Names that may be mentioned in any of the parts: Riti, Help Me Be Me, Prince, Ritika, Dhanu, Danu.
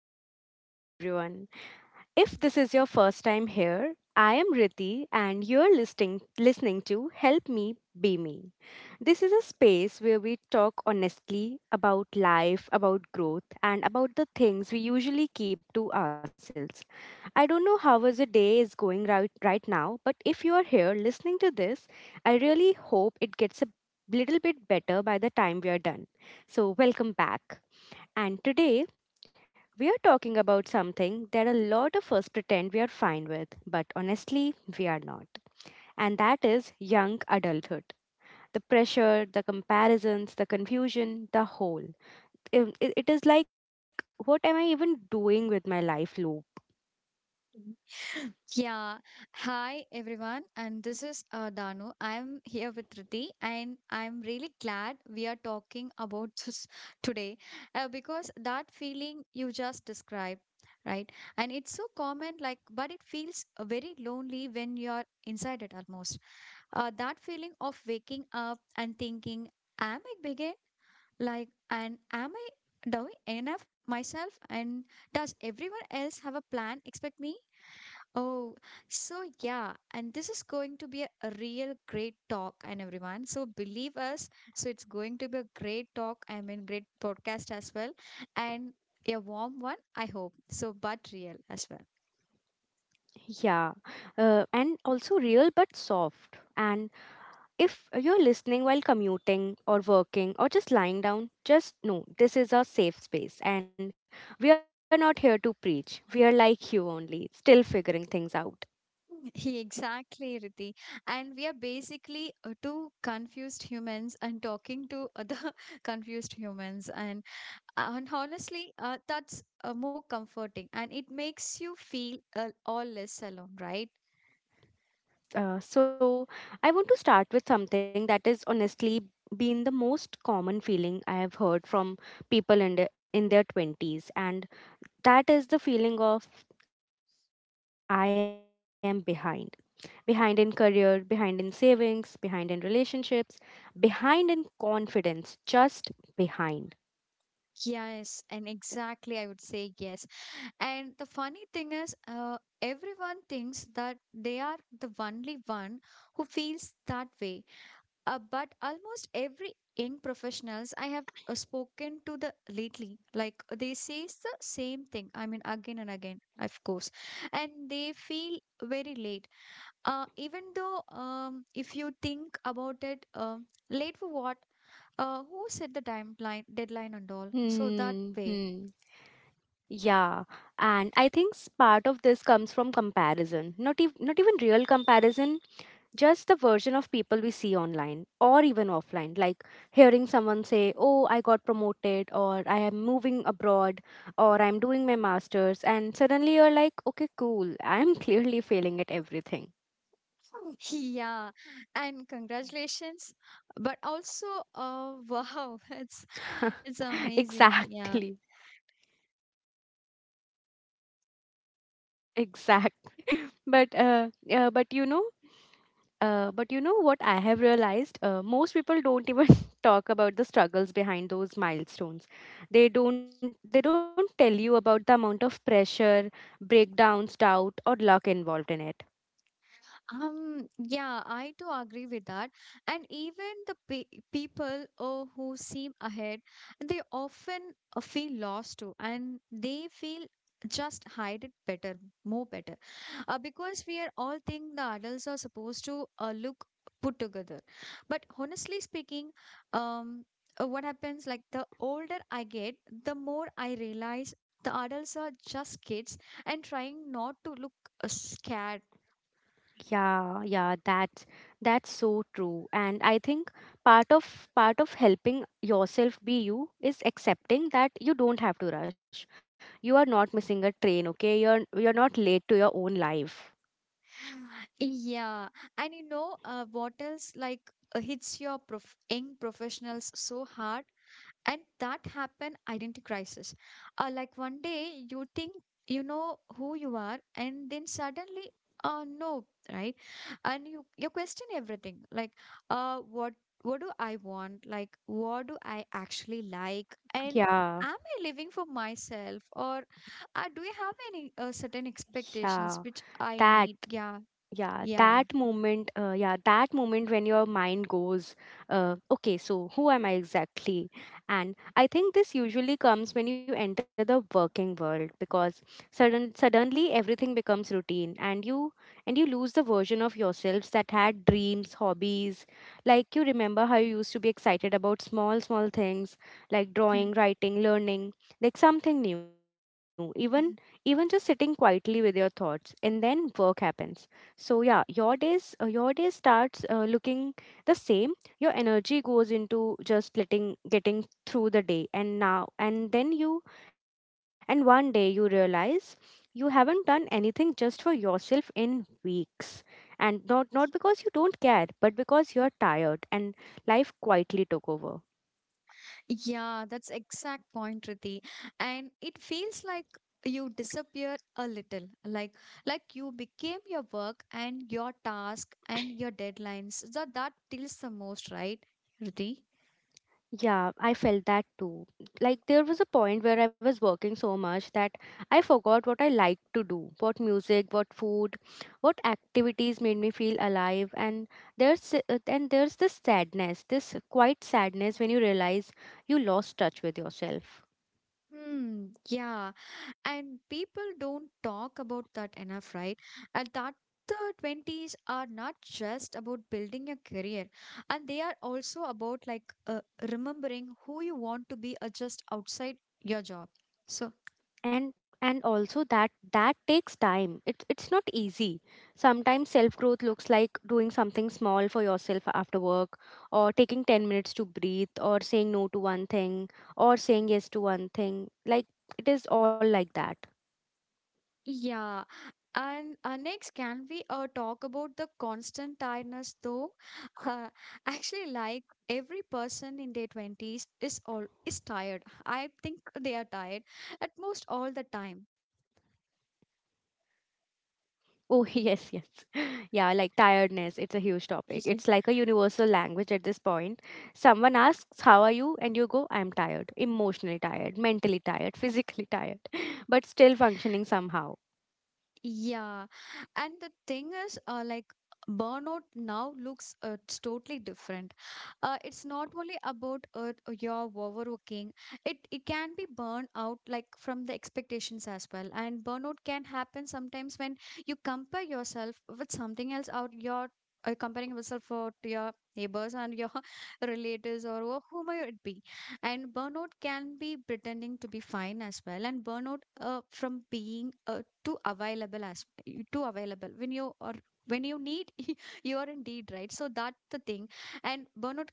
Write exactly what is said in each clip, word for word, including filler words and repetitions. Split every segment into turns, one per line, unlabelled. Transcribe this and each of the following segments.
uh, hi everyone. If this is your first time here, I am Riti and you're listening listening to Help Me Be Me. This is a space where we talk honestly about life, about growth and about the things we usually keep to ourselves. I don't know how was the day is going right right now, but if you are here listening to this, I really hope it gets a little bit better by the time we are done. So, welcome back. And today we are talking about something that a lot of us pretend we are fine with, but honestly, we are not. And that is young adulthood. The pressure, the comparisons, the confusion, the whole. It, it it is like, what am I even doing with my life loop?
Yeah. Hi, everyone. And this is uh, Danu. I'm here with Riti, and I'm really glad we are talking about this today uh, because that feeling you just described, right? And it's so common, like, but it feels uh, very lonely when you're inside it almost. Uh, that feeling of waking up and thinking, am I begin? like and am i doing enough myself, and does everyone else have a plan except me Oh, so yeah, and this is going to be a, a real great talk, and everyone. So believe us. So it's going to be a great talk. I mean, great podcast as well, and a warm one, I hope. So, but real as well.
Yeah. Uh, and also real but soft. And if you're listening while commuting or working or just lying down, just know this is a safe space and we are not here to preach. We are like you only, still figuring things out.
He Exactly, Riti. And we are basically uh, two confused humans and talking to other confused humans. And, uh, and honestly, uh, that's uh, more comforting, and it makes you feel uh, all less alone, right?
Yeah, s- uh, so I want to start with something that is honestly been the most common feeling I have heard from people in, the, in their twenties, and that is the feeling of I am behind. Behind in career, behind in savings, behind in relationships, behind in confidence, just behind.
Yes, and exactly, I would say yes. And the funny thing is, uh, everyone thinks that they are the only one who feels that way. Uh, but almost every young professionals I have uh, spoken to the lately, like they say the same thing. I mean, again and again, of course, and they feel very late. Uh, even though, um, if you think about it, um late for what? Uh, who set the timeline, deadline, and all? So that way.
Hmm. Hmm. Yeah, and I think s- part of this comes from comparison. Not even not even real comparison, just the version of people we see online or even offline. Like hearing someone say, "Oh, I got promoted," or "I am moving abroad," or "I'm doing my masters," and suddenly you're like, "Okay, cool. I'm clearly failing at everything."
Yeah, and congratulations, but also, uh, wow, it's it's amazing. Yeah.
exactly exact exactly That is really funny, I'm actually laughing, but uh, uh but you know, uh, but you know what I have realized, uh, most people don't even talk about the struggles behind those milestones. They don't they don't tell you about the amount of pressure, breakdowns, doubt or luck involved in it.
Um, yeah, I do agree with that. And even the pe- people uh, who seem ahead, they often uh, feel lost too, and they feel just hide it better, more better, uh, because we are all think the adults are supposed to uh, look put together. But honestly speaking, um, uh, what happens like the older I get, the more I realize the adults are just kids and trying not to look uh, scared.
Yeah, yeah, that's that's so true. And I think part of part of helping yourself be you is accepting that you don't have to rush. You are not missing a train, okay? You're you're not late to your own life.
Yeah, and you know uh, what else like uh, hits your prof young professionals so hard, and that happen identity crisis. Uh, like one day you think you know who you are, and then suddenly, uh, no, right? And you you question everything. Like, uh, what what do I want? Like, what do I actually like? And
Yeah,
am I living for myself, or uh, do I have any uh, certain expectations
yeah.
which I
That
need? Yeah.
yeah
Yeah.
that moment uh, yeah that moment when your mind goes uh, okay, so who am I exactly? And I think this usually comes when you enter the working world because sudden suddenly everything becomes routine and you and you lose the version of yourselves that had dreams, hobbies, like you remember how you used to be excited about small small things, like drawing, writing, learning, like something new, even even just sitting quietly with your thoughts. And then work happens. So yeah, your days uh, your day starts uh, looking the same. Your energy goes into just letting getting through the day, and now and then you and one day you realize you haven't done anything just for yourself in weeks, and not not because you don't care, but because you're tired and life quietly took over.
Yeah, that's exact point, Riti. And it feels like you disappear a little, like like you became your work and your task and your deadlines. So that tilts the most, right, Riti?
Yeah, I felt that too. Like there was a point where I was working so much that I forgot what I liked to do, what music, what food, what activities made me feel alive. And there's uh, and there's this sadness, this quiet sadness when you realize you lost touch with yourself.
Hmm, yeah. And people don't talk about that enough, right? And that the twenties are not just about building a career, and they are also about like uh, remembering who you want to be uh, just outside your job. So,
And and also that that takes time. It's it's not easy. Sometimes self growth looks like doing something small for yourself after work, or taking ten minutes to breathe, or saying no to one thing or saying yes to one thing. Like it is all like that.
yeah. And uh, next, can we uh, talk about the constant tiredness though? Uh, Actually, like every person in their twenties is all is tired. I think they are tired at most all the time.
Oh, yes, yes. yeah, like tiredness, it's a huge topic. It's like a universal language at this point. Someone asks how are you and you go, I'm tired, emotionally tired, mentally tired, physically tired, but still functioning somehow.
Yeah. And the thing is, uh, like, burnout now looks uh, it's totally different. Uh, it's not only about uh, your overworking. It it can be burnout like from the expectations as well. And burnout can happen sometimes when you compare yourself with something else out your uh, comparing yourself for to your neighbors and your relatives or wh- whomever it be, and burnout can be pretending to be fine as well, and burnout uh, from being uh, too available as y- too available when you or when you need. You are indeed right, so that the thing, and burnout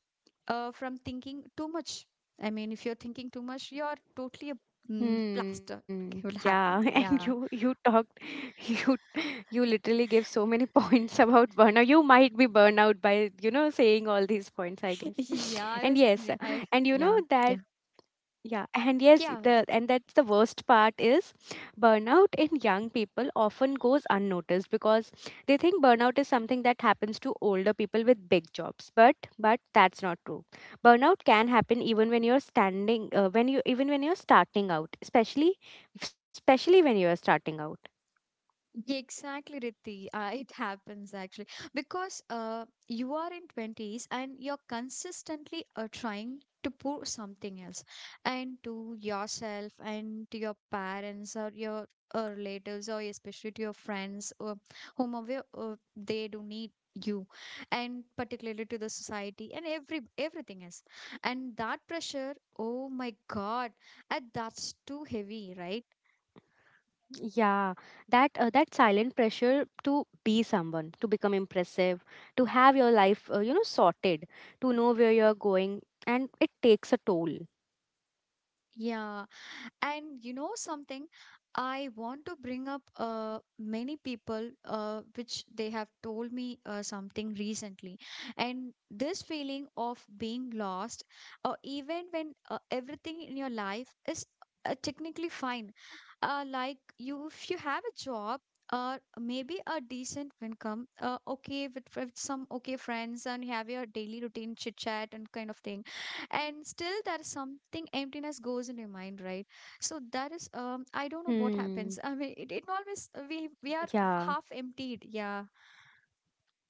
uh, from thinking too much. I mean, if you're thinking too much, you're totally a mm, plaster, okay,
Hmm.
will happen,
Yeah, and
yeah.
you you talked, you you literally gave so many points about burnout. You might be burnout by, you know, saying all these points, I guess.
yeah i
And
was
yes,
yeah, i
and you know
yeah
that,
yeah
yeah, and yes,
yeah.
the and that's the worst part is burnout in young people often goes unnoticed because they think burnout is something that happens to older people with big jobs. But but that's not true. Burnout can happen even when you're standing, uh, when you even when you're starting out, especially especially when you are starting out.
Yeah, exactly, Riddhi. Uh, it happens actually because uh, you are in twenties and you're consistently uh, trying to prove something else, and to yourself and to your parents or your uh, relatives or especially to your friends or whomever uh, they do need you, and particularly to the society and every everything else, and that pressure, oh my god, and that's too heavy, right?
Yeah, that uh, that silent pressure to be someone, to become impressive, to have your life, uh, you know, sorted, to know where you're going, and it takes a toll.
Yeah. And you know something, I want to bring up uh, many people uh, which they have told me uh, something recently. And this feeling of being lost, or even when uh, everything in your life is uh, technically fine, uh, like you, if you have a job, uh, maybe a decent income, uh, okay with, with some okay friends, and you have your daily routine chit chat and kind of thing, and still there's something emptiness goes in your mind, right? So that is, um, I
Hmm.
don't know what happens. I mean, it, it always we we
Yeah.
are half emptied. Yeah,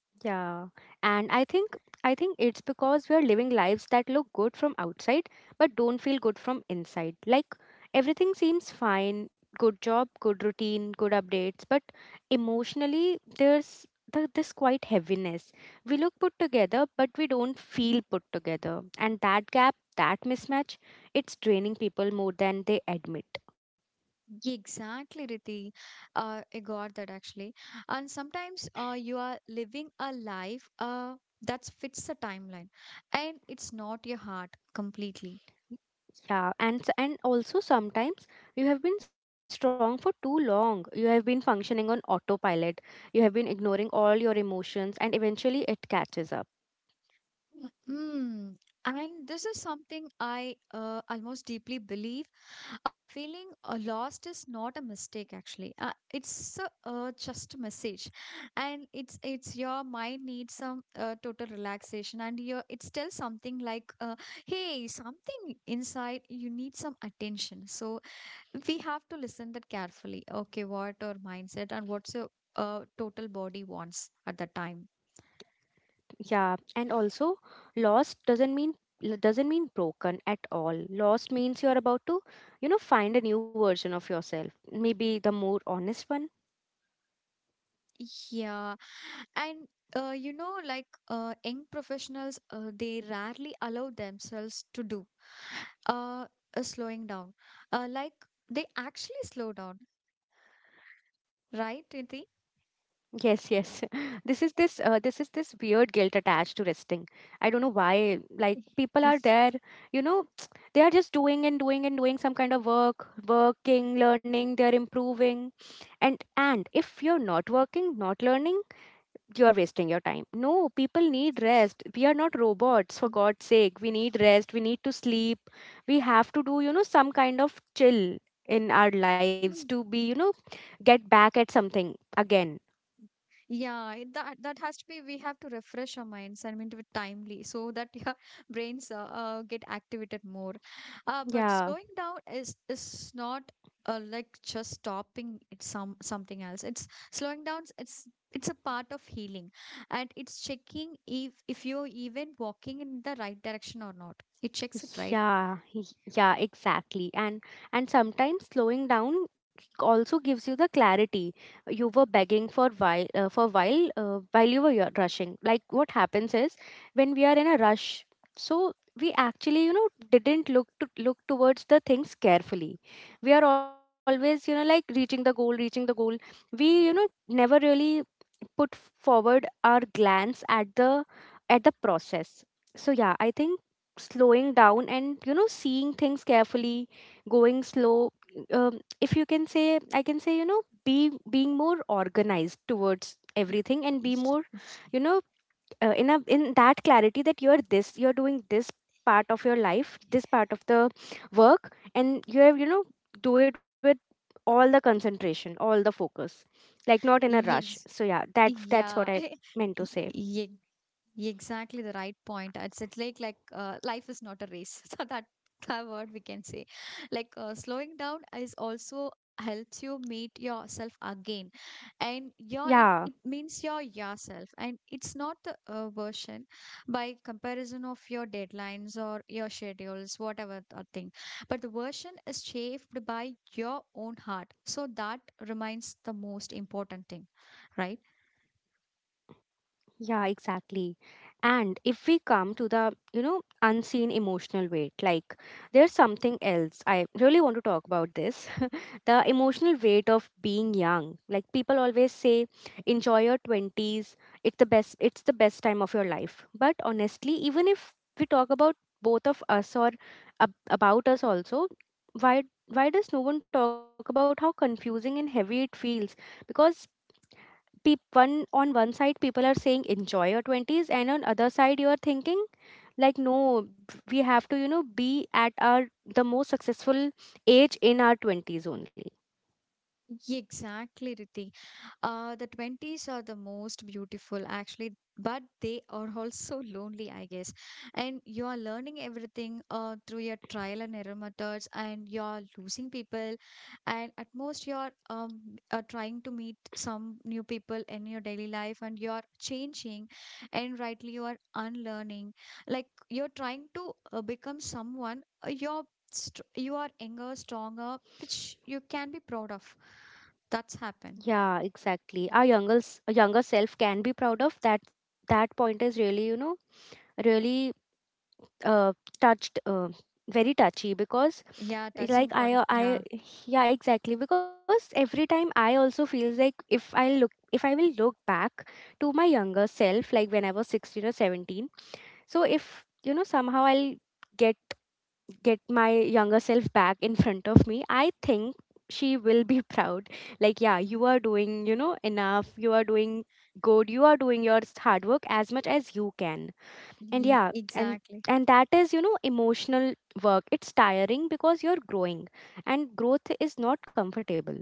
Yeah, and I think I think it's because we are living lives that look good from outside but don't feel good from inside. Like everything seems fine, good job, good routine, good updates, but emotionally there's the, this quite heaviness. We look put together, but we don't feel put together. And that gap, that mismatch, it's draining people more than they admit.
exactly, Riti. Uh, I got that actually. And sometimes, uh, you are living a life, uh, that fits a timeline, and it's not your heart completely.
Yeah, and s- and also sometimes you have been strong for too long. You have been functioning on autopilot. You have been ignoring all your emotions, and eventually it catches up.
Mm. And this is something I uh, almost deeply believe. Uh, feeling uh, lost is not a mistake, actually. Uh, it's a, uh, just a message, and it's it's your mind needs some uh, total relaxation, and your it's still something like, uh, hey, something inside you need some attention. So we have to listen that carefully. Okay, what our mindset and what's your uh, total body wants at that time.
Yeah, and also lost doesn't mean l- doesn't mean broken at all. Lost means you are about to, you know, find a new version of yourself. Maybe the more honest one.
Yeah, and uh, you know, like uh, young professionals, uh, they rarely allow themselves to do uh, uh, slowing down. Uh, like they actually slow down,
Yes, yes.
right,
This
Iti?
is this uh this is this weird guilt attached to resting. I don't know why, like people are there, you
Yes,
know, they are just doing and doing and doing some kind of work, working, learning, they're improving. And and if you're not working, not learning, you are wasting your time. No, people need rest. We are not robots, for God's sake. We need
yes.
rest. We need to sleep. We have to do, you know, some kind of chill in our lives to be, you know, get back at something again.
Yeah, it, that that has to be. We have to refresh our minds and mean to be timely so that your brains uh, uh, get activated more. Uh, but slowing
Yeah.
down is is not uh, like just stopping it some something else. It's slowing down. It's it's a part of healing, and it's checking if if you're even walking in the right direction or not. It checks it right.
Yeah, y- yeah, exactly. And and sometimes slowing down also gives you the clarity you were begging for while, uh, for while uh, while you were yo- rushing. Like what happens is when we are in a rush, so we actually, you know, didn't look to look towards the things carefully. We are always, you know, like reaching the goal, reaching the goal. We, you know, never really put forward our glance at the at the process. So yeah, I think slowing down and, you know, seeing things carefully, going slow, um, if you can say, I can say, you know, be being more organized towards
Y-
everything and
y-
be more,
y-
you know, uh, in a in that clarity that you are this, you're doing this part of your life, this part of the work, and you have, you know, do it with all the concentration, all the focus, like not in a rush.
Yes.
So yeah, that that's what
Yeah.
I meant to say.
Ex- Exactly the right point. It's, it's like like uh, life is not a race. So that that word we can say, like uh, slowing down is also helps you meet yourself again, and your it,
Yeah,
it means your yourself, and it's not the uh, version by comparison of your deadlines or your schedules, whatever that thing. But the version is shaped by your own heart. So that remains the most important thing, right?
yeah, exactly. And if we come to the, you know, unseen emotional weight, like there's something else I really want to talk about this, the emotional weight of being young. Like people always say enjoy your twenties, it's the best, it's the best time of your life, but honestly, even if we talk about both of us, or ab- about us also, why why does no one talk about how confusing and heavy it feels? Because peop- one on one side people are saying enjoy your twenties, and on other side you are thinking like, no, we have to, you know, be at our the most successful age in our twenties only.
Exactly, Riti. Uh, the twenties are the most beautiful, actually, but they are also lonely, I guess. And you are learning everything uh, through your trial and error methods, and you are losing people, and at most you are um, uh, trying to meet some new people in your daily life, and you are changing, and rightly you are unlearning. Like you're trying to uh, become someone. uh, You're st- you are younger, stronger, which you can be proud of. That's happened.
Yeah, exactly. Our younger s- younger self can be proud of that. That point is really, you know, really uh, touched, uh, very touchy, because
Yeah,
it's
touching
like
proud.
I, uh,
Yeah,
I, yeah, exactly. Because every time I also feels like if I look, if I will look back to my younger self, like when I was sixteen or seventeen. So if you know somehow I'll get get my younger self back in front of me, I think she will be proud. Like, yeah, you are doing, you know, enough, you are doing good, you are doing your s- hard work as much as you can. And
e-
yeah, and
exactly.
and that is, you know, emotional work. It's tiring because you're growing, and growth is not comfortable.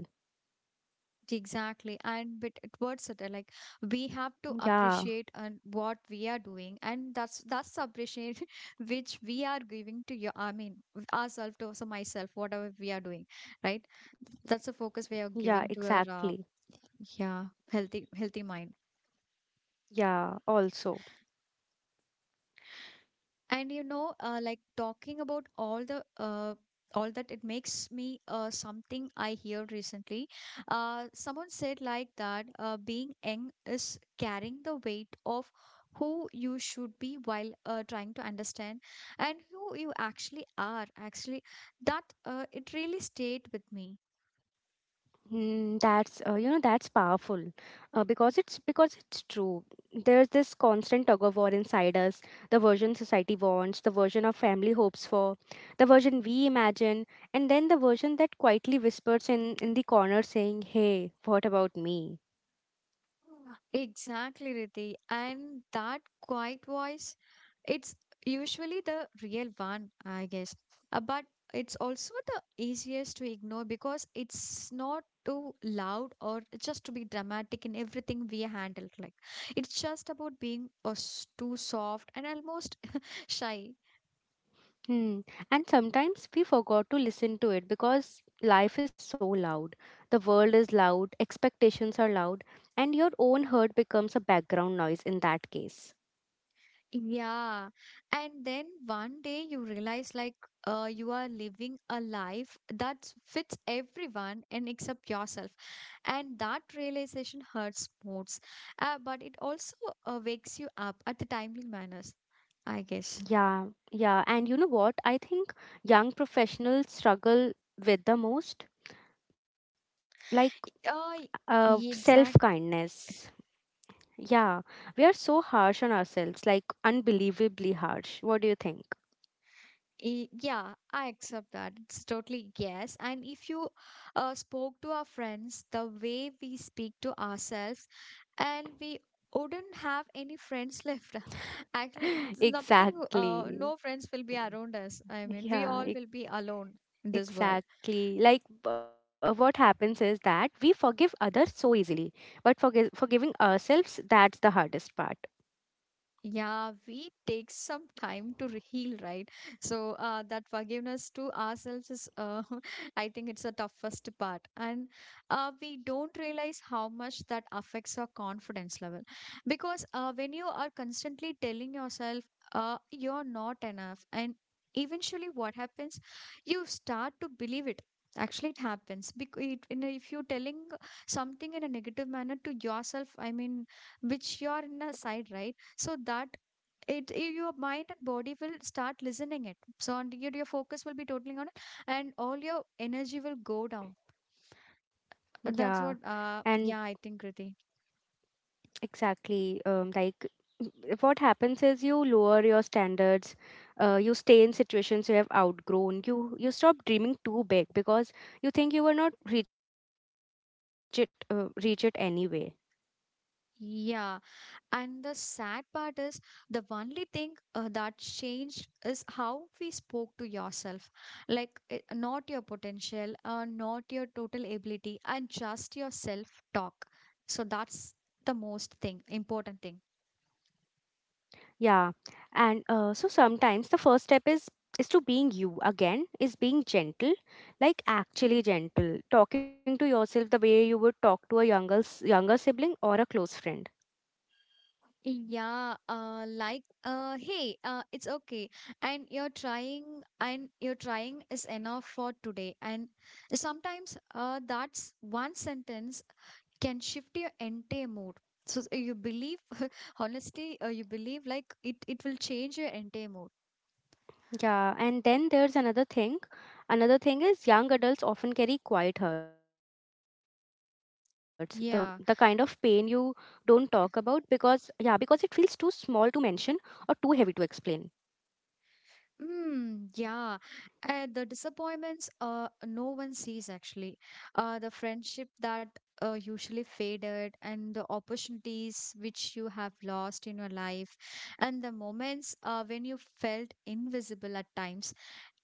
Exactly. And but towards it, uh, like we have to
Yeah,
appreciate and what we are doing, and that's that's the appreciation which we are giving to your. I mean, ourselves to also myself, whatever we are doing, right? That's the focus we are
yeah,
giving to our
exactly.
uh, yeah, healthy healthy mind.
Yeah, also.
And you know uh, like talking about all the uh, all that it makes me uh, something I hear recently, uh, someone said like that uh, being young is carrying the weight of who you should be while uh, trying to understand and who you actually are actually, that uh, it really stayed with me.
Mm, that's, uh, you know, that's powerful, uh, because it's because it's true. There's this constant tug of war inside us, the version society wants, the version our family hopes for, the version we imagine, and then the version that quietly whispers in in the corner saying, hey, what about me?
Exactly, Riti. And that quiet voice, it's usually the real one, I guess. Uh, but it's also the easiest to ignore because it's not too loud or just to be dramatic in everything we handle. Like it's just about being uh, s- too soft and almost shy.
Hmm. And sometimes we forgot to listen to it because life is so loud, the world is loud, expectations are loud, and your own hurt becomes a background noise in that case.
Yeah. And then one day you realize like uh, you are living a life that fits everyone and except yourself. And that realization hurts most. Uh, but it also uh, wakes you up at the timely manners, I guess.
Yeah, yeah. And you know what? I think young professionals struggle with the most, like
Uh,
uh,
y- exactly.
self-kindness. Yeah, we are so harsh on ourselves, like unbelievably harsh. What do you think?
E- Yeah, I accept that. It's totally yes. And if you uh, spoke to our friends the way we speak to ourselves, and we wouldn't have any friends left. Actually, it's nothing, uh, no friends
Exactly.
will be around us. I mean, we all will
Yeah,
be
e-
alone in this world.
exactly. Like uh, what happens is that we forgive others so easily, but forgive forgiving ourselves, that's the hardest part.
Yeah, we take some time to re- heal, right? So uh, that forgiveness to ourselves is, uh, I think it's the toughest part. And uh, we don't realize how much that affects our confidence level. Because uh, when you are constantly telling yourself uh, you're not enough, and eventually what happens, you start to believe it. Actually, it happens because it, in a- if you're telling something in a negative manner to yourself, I mean, which you're in a side, right? So that it, i- your mind and body will start listening it. So and your, your focus will be totally on it and all your energy will go down. Uh,
Yeah.
that's what
And
uh yeah, I think Kriti.
exactly. Um, like, w- what happens is you lower your standards. Uh, you stay in situations you have outgrown. You you stop dreaming too big because you think you will not reach it uh, reach it anyway.
Yeah. And the sad part is the only thing uh, that changed is how we spoke to yourself. Like, uh, not your potential, uh, not your total ability, and just your self talk. So, that's the most thing, important thing.
Yeah, and uh, so sometimes the first step is is to being you again is being gentle, like actually gentle, talking to yourself the way you would talk to a younger s- younger sibling or a close friend.
Yeah, uh, like, uh, hey, uh, it's okay, and you're trying, and you're trying is enough for today. And sometimes, uh, that's one sentence can shift your entire mood. So s- you believe, honestly uh, you believe like it it will change your entire mood.
Yeah, and then there's another thing. Another thing is young adults often carry quiet hurts, the the kind of pain you don't
Yeah.
talk about because yeah, because it feels too small to mention or too heavy to explain.
Mm, yeah. Uh, the disappointments uh no one sees, actually. Uh the friendship that uh, usually faded, and the opportunities which you have lost in your life, and the moments uh, when you felt invisible at times.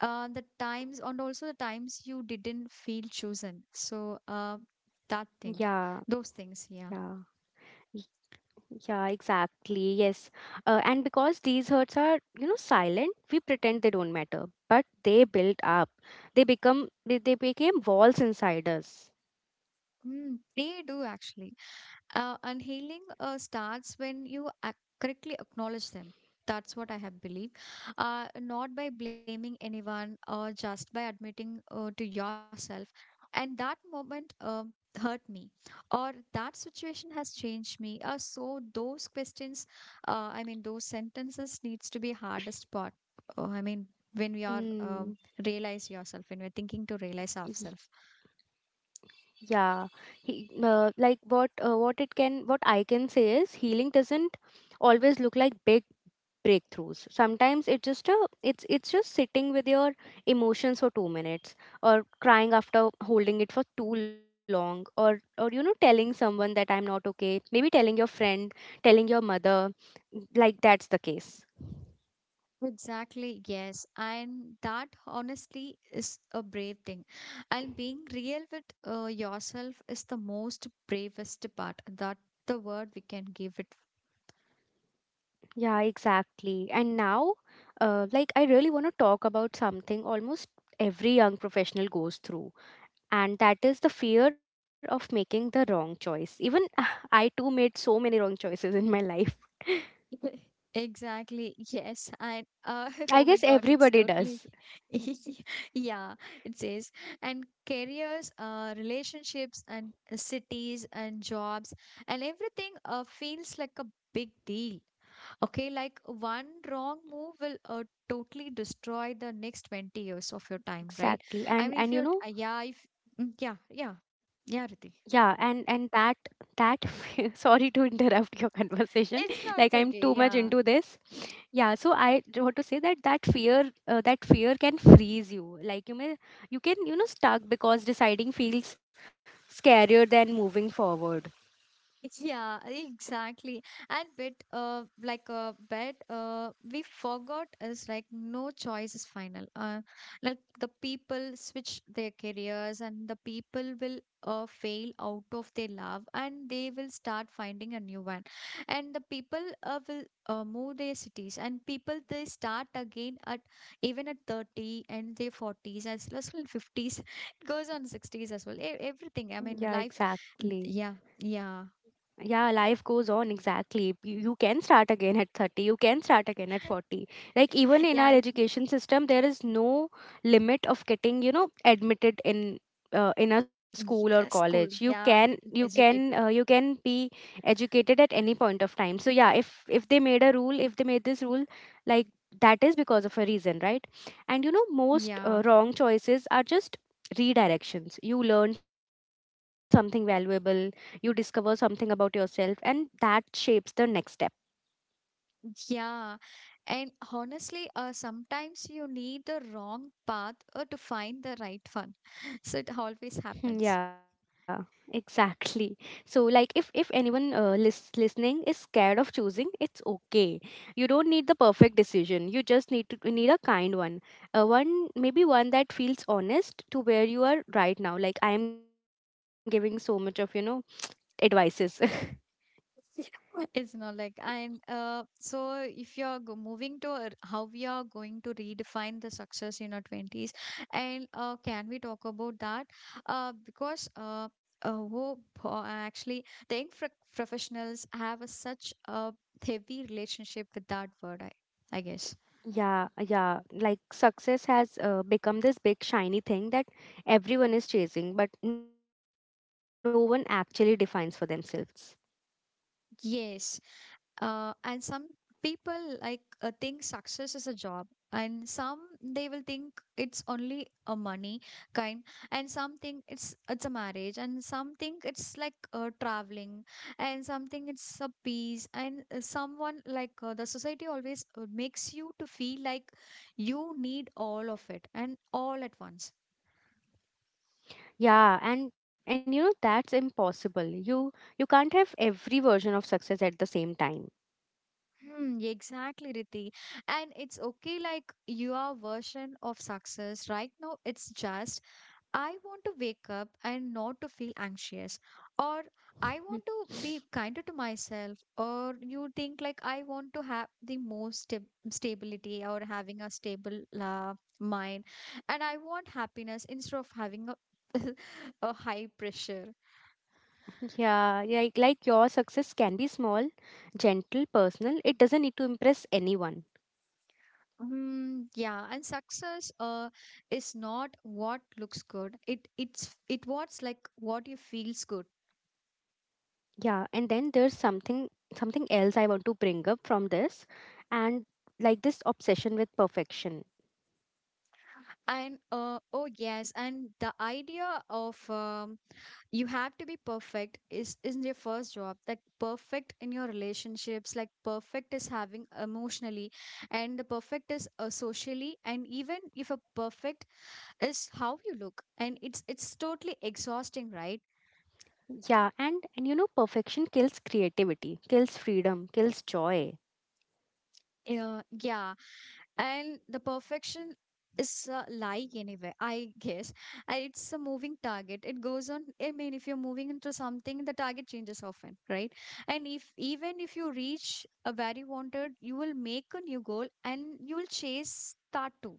uh, the times and also The times you didn't feel chosen. So uh,
Yeah,
that thing,
yeah.
those things, yeah.
y- Yeah, exactly. Yes. Uh, and because these hurts are, you know, silent, we pretend they don't matter, but they build up. They become they, they became walls inside us.
Mm, they do actually. Uh, and healing uh, starts when you ac- correctly acknowledge them. That's what I have believed. Uh, not by blaming anyone, or just by admitting uh, to yourself. And that moment um hurt me, or that situation has changed me. Uh, so those questions, uh, I mean, Those sentences needs to be hardest part. Uh, I mean, when we are
Mm.
um, realize yourself, when we're thinking to realize ourselves.
Yeah, he uh, like what uh, what it can what I can say is healing doesn't always look like big breakthroughs. Sometimes it's just a it's it's just sitting with your emotions for two minutes, or crying after holding it for too long, or or you know, telling someone that I'm not okay. Maybe telling your friend, telling your mother, like that's the case.
Exactly, yes. And that honestly is a brave thing. And being real with uh, yourself is the most bravest part. That the word we can give it.
Yeah, exactly. And now, uh, like I really want to talk about something almost every young professional goes through, and that is the fear of making the wrong choice. Even I too made so many wrong choices in my life.
Exactly. Yes. And uh,
I
oh my
guess
God, it's
everybody
totally.
does
Yeah, it says. And careers, uh, relationships, and cities, and jobs, and everything uh, feels like a big deal. Okay, like one wrong move will uh, totally destroy the next twenty years of your time, right? I mean, if you're,
exactly.
uh,
and
yeah,
and
if,
you know,
mm, Yeah, yeah, yeah, Riti.
yeah, and and that, that sorry to interrupt your conversation,
It's
like
not
I'm
okay,
too much
yeah.
into this. Yeah, so I do want to say that that fear uh, that fear can freeze you. Like you may, you can, you know, stuck because deciding feels scarier than moving forward.
Yeah, exactly. And bit uh like a bet uh we forgot is like no choice is final. Uh like the people switch their careers, and the people will uh fail out of their love, and they will start finding a new one. And the people uh, will uh, move their cities, and people they start again at, even at thirty and their forties as well as well fifties. It goes on sixties as well. E-
Yeah,
everything. I mean life.
exactly.
Yeah, yeah.
Yeah, life goes on, exactly. You, you can start again at thirty, you can start again at forty. Like, even in
Yeah,
our
if-
education system, there is no limit of getting, you know, admitted in. Uh, in a school or
yeah, school.
college you
Yeah,
can
getting
you
educated.
can uh, you can be educated at any point of time. So yeah, if if they made a rule if they made this rule, like that is because of a reason, right? And you know, most
Yeah,
uh, wrong choices are just redirections. You learn something valuable, you discover something about yourself, and that shapes the next step.
yeah. And honestly, uh, sometimes you need the wrong path uh, to find the right one. So it always
Hmm.
happens.
Yeah, exactly. So like if if anyone uh, lis- listening is scared of choosing, it's okay. You don't need the perfect decision, you just need to need a kind one. uh, one Maybe one that feels honest to where you are right now. Like I am giving so much of, you know, advices.
It's not like. And uh, so if you're go- moving to a- how we are going to redefine the success in our twenties, and uh, can we talk about that, uh, because uh, uh, who po- uh, actually the infra professionals have a, such a heavy relationship with that word, I, I guess.
yeah, yeah, like success has uh, become this big shiny thing that everyone is chasing, but no one actually defines for themselves.
Yes. Uh, and some people like uh, think success is a job, and some they will think it's only a money kind, and some think it's it's a marriage, and some think it's like uh, traveling, and something it's a peace, and uh, someone like uh, the society always uh, makes you to feel like you need all of it and all at once.
Yeah, and and you know, that's impossible. You you can't have every version of success at the same time.
Hmm, exactly, Riti. And it's okay, like your version of success right now, it's just I want to wake up and not to feel anxious, or
Mm.
I want to be kinder to myself, or you think like I want to have the most stab- stability, or having a stable uh, mind, and I want happiness instead of having a, a high pressure.
Yeah, like like your success can be small, gentle, personal. It doesn't need to impress anyone.
Mm, yeah, and success uh is not what looks good. It it's it what's like what you feels good.
Yeah, and then there's something something else I want to bring up from this, and like this obsession with perfection.
And uh oh yes, and the idea of um you have to be perfect is is in your first job. Like perfect in your relationships, like perfect is having emotionally, and the perfect is uh, socially, and even if a perfect is how you look, and it's it's totally exhausting, right?
Yeah, and and you know, perfection kills creativity, kills freedom, kills joy.
Yeah, yeah. And the perfection is a lie anyway, I guess. And it's a moving target, it goes on. I mean, if you're moving into something, the target changes often, right? And if even if you reach a very wanted, you will make a new goal, and you will chase that too.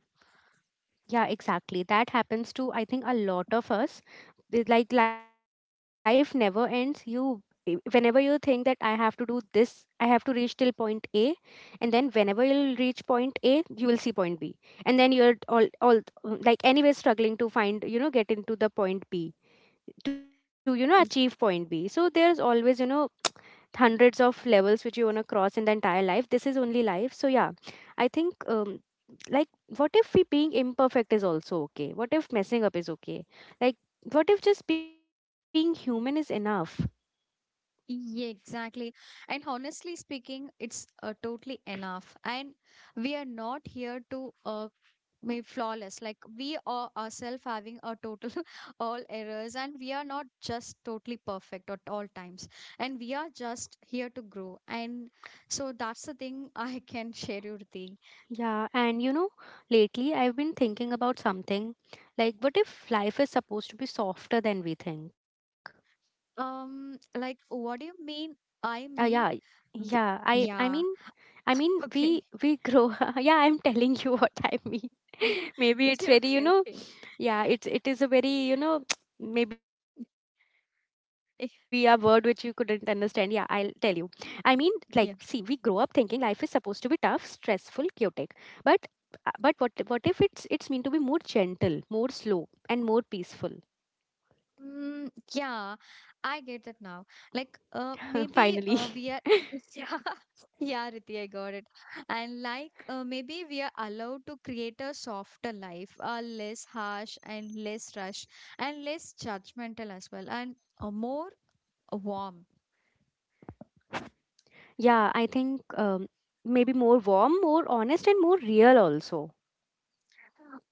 Yeah, exactly. That happens to, I think, a lot of us. The- like life never ends. You i- whenever you think that I have to do this, I have to reach till point A, and then whenever you'll reach point A, you will see point B. And then you're all all mm, like anyway struggling to find, you know, get into the point B, to you know
Y-
achieve point B. So there's always, you know, hundreds of levels which you want to cross in the entire life. This is only life. So yeah, I think um, like what if we being imperfect is also okay? What if messing up is okay? Like, what if just being human is enough?
yeah, exactly. And honestly speaking, it's uh, totally enough. And we are not here to uh, made flawless, like we are ourselves having a total all errors, and we are not just totally perfect at all times. And we are just here to grow, and so that's the thing. I can share you the
Yeah, and you know, lately I've been thinking about something. Like, what if life is supposed to be softer than we think?
um like what do you mean,
Uh,
I
yeah,
mean, w-
yeah, i i mean,
yeah,
I mean, we
okay.
we grow. yeah, I'm telling you what I mean.
Yeah.
maybe it's very, you
Okay,
know,
okay.
yeah, it it is a very, you know, maybe a word which you couldn't understand. Yeah, I'll tell you. I mean, like, see, we grow up thinking life
Yeah.
is supposed to be tough, stressful, chaotic. But uh, but what what if it's it's mean to be more gentle, more slow, and more peaceful?
Mm, yeah, I get that now. Like, uh,
Finally.
maybe uh, we are. Yeah, yeah, Riti, I got it. And like, uh, maybe we are allowed to create a softer life, a less harsh and less rush and less judgmental as well, and a more warm.
Yeah, I think um, maybe more warm, more honest, and more real also.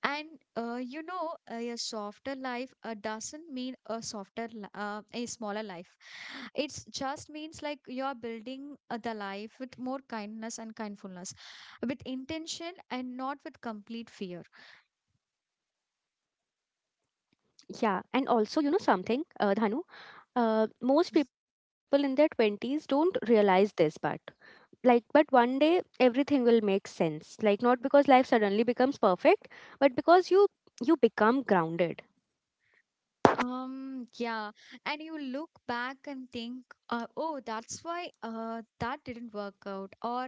And uh, you know, a softer life uh, doesn't mean a softer, li- uh, a smaller life. It's just means like you're building uh, the life with more kindness and kindfulness, with intention and not with complete fear.
Yeah, and also, you know something, uh, Dhanu, uh, most people in their twenties don't realize this part. Like, but one day everything will make sense, like not because life suddenly becomes perfect, but because you you become grounded.
Um, yeah, and you look back and think, uh, oh, that's why uh, that didn't work out, or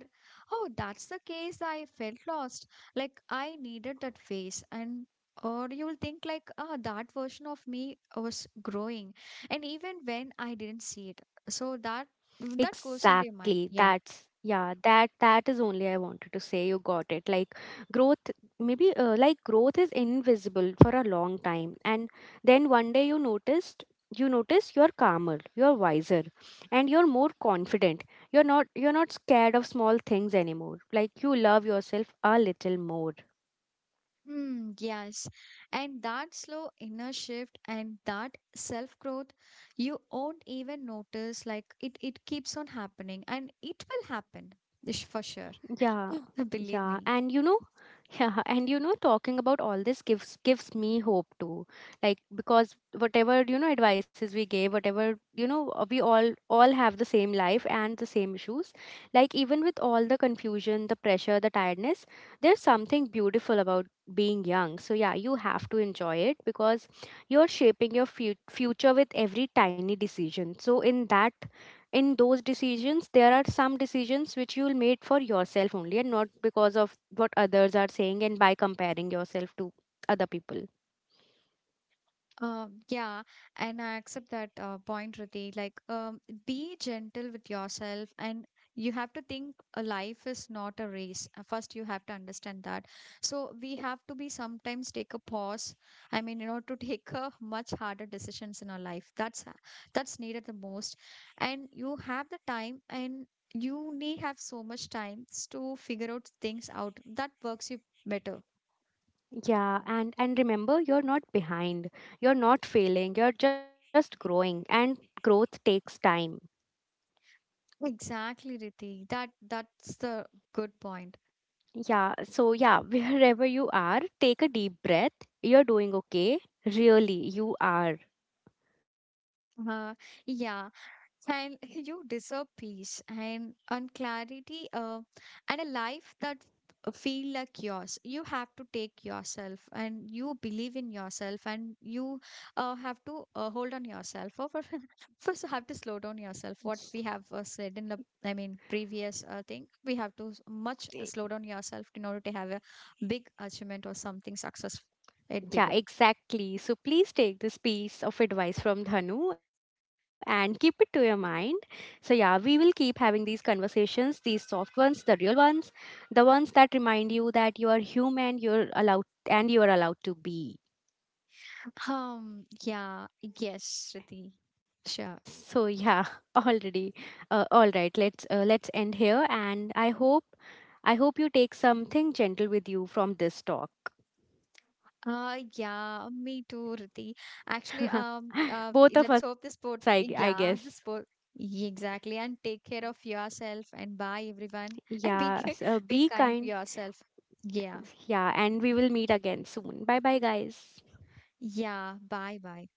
oh, that's the case I felt lost, like I needed that phase, and or you'll think like, ah, that version of me was growing, and even when I didn't see it, so that, that goes into your
Exactly,
mind, yeah.
that's, yeah, that that is only I wanted to say. You got it. Like growth, maybe uh, like growth is invisible for a long time, and then one day you noticed you notice you're calmer, you're wiser, and you're more confident. You're not you're not scared of small things anymore. Like, you love yourself a little more.
Hmm, yes. And that slow inner shift and that self-growth, you won't even notice. Like it, it keeps on happening, and it will happen, ish- for sure.
Yeah,
Believe
yeah,
me.
and you know, yeah, and you know, talking about all this gives gives me hope too. Like, because whatever, you know, advices we gave, whatever, you know, uh, we all all have the same life and the same issues. Like even with all the confusion, the pressure, the tiredness, there's something beautiful about being young. So yeah, you have to enjoy it because you're shaping your fu future with every tiny decision. So in that, in those decisions, there are some decisions which you'll make for yourself only and not because of what others are saying and by comparing yourself to other people.
Uh, yeah, and I accept that uh, point, Riti. Like, um, be gentle with yourself, and you have to think a life is not a race. Uh, First, you have to understand that. So we have to be sometimes take a pause. I mean, you know, to take a much harder decisions in our life. That's h- that's needed the most, and you have the time and. You need have so much time to figure out things out that works you better.
Yeah, and and remember, you're not behind, you're not failing, you're just growing, and growth takes time.
Exactly, Riti. That that's the good point.
Yeah, so yeah, wherever you are, take a deep breath, you're doing okay. Really, you are.
Uh, yeah, and you deserve peace and and clarity, uh, and a life that f- feel like yours. You have to take yourself, and you believe in yourself, and you uh, have to uh, hold on yourself. Or for- first, you have to slow down yourself. What we have uh, said in the, I mean, previous uh, thing, we have to s- much uh, slow down yourself in order to have a big achievement or something successful, it bigger.
Yeah, exactly. So please take this piece of advice from Dhanu and keep it to your mind. So yeah, we will keep having these conversations, these soft ones, the real ones, the ones that remind you that you are human, you're allowed, and you are allowed to be.
Um, yeah, yes, Shriti, sure.
So, yeah, already. Uh, all right, let's uh, let's end here, and I hope I hope you take something gentle with you from this talk.
Uh, yeah, me too, Riti. Actually, um, uh,
Both of
let's
us,
hope
I
this
I
sport,
guess.
yeah, this sport, exactly. And take care of yourself, and bye, everyone. And
Yeah,
be,
so
ki-
be
be
kind.
kind to yourself. Yeah,
Yeah, and we will meet again soon. Bye bye, guys.
yeah, bye, bye.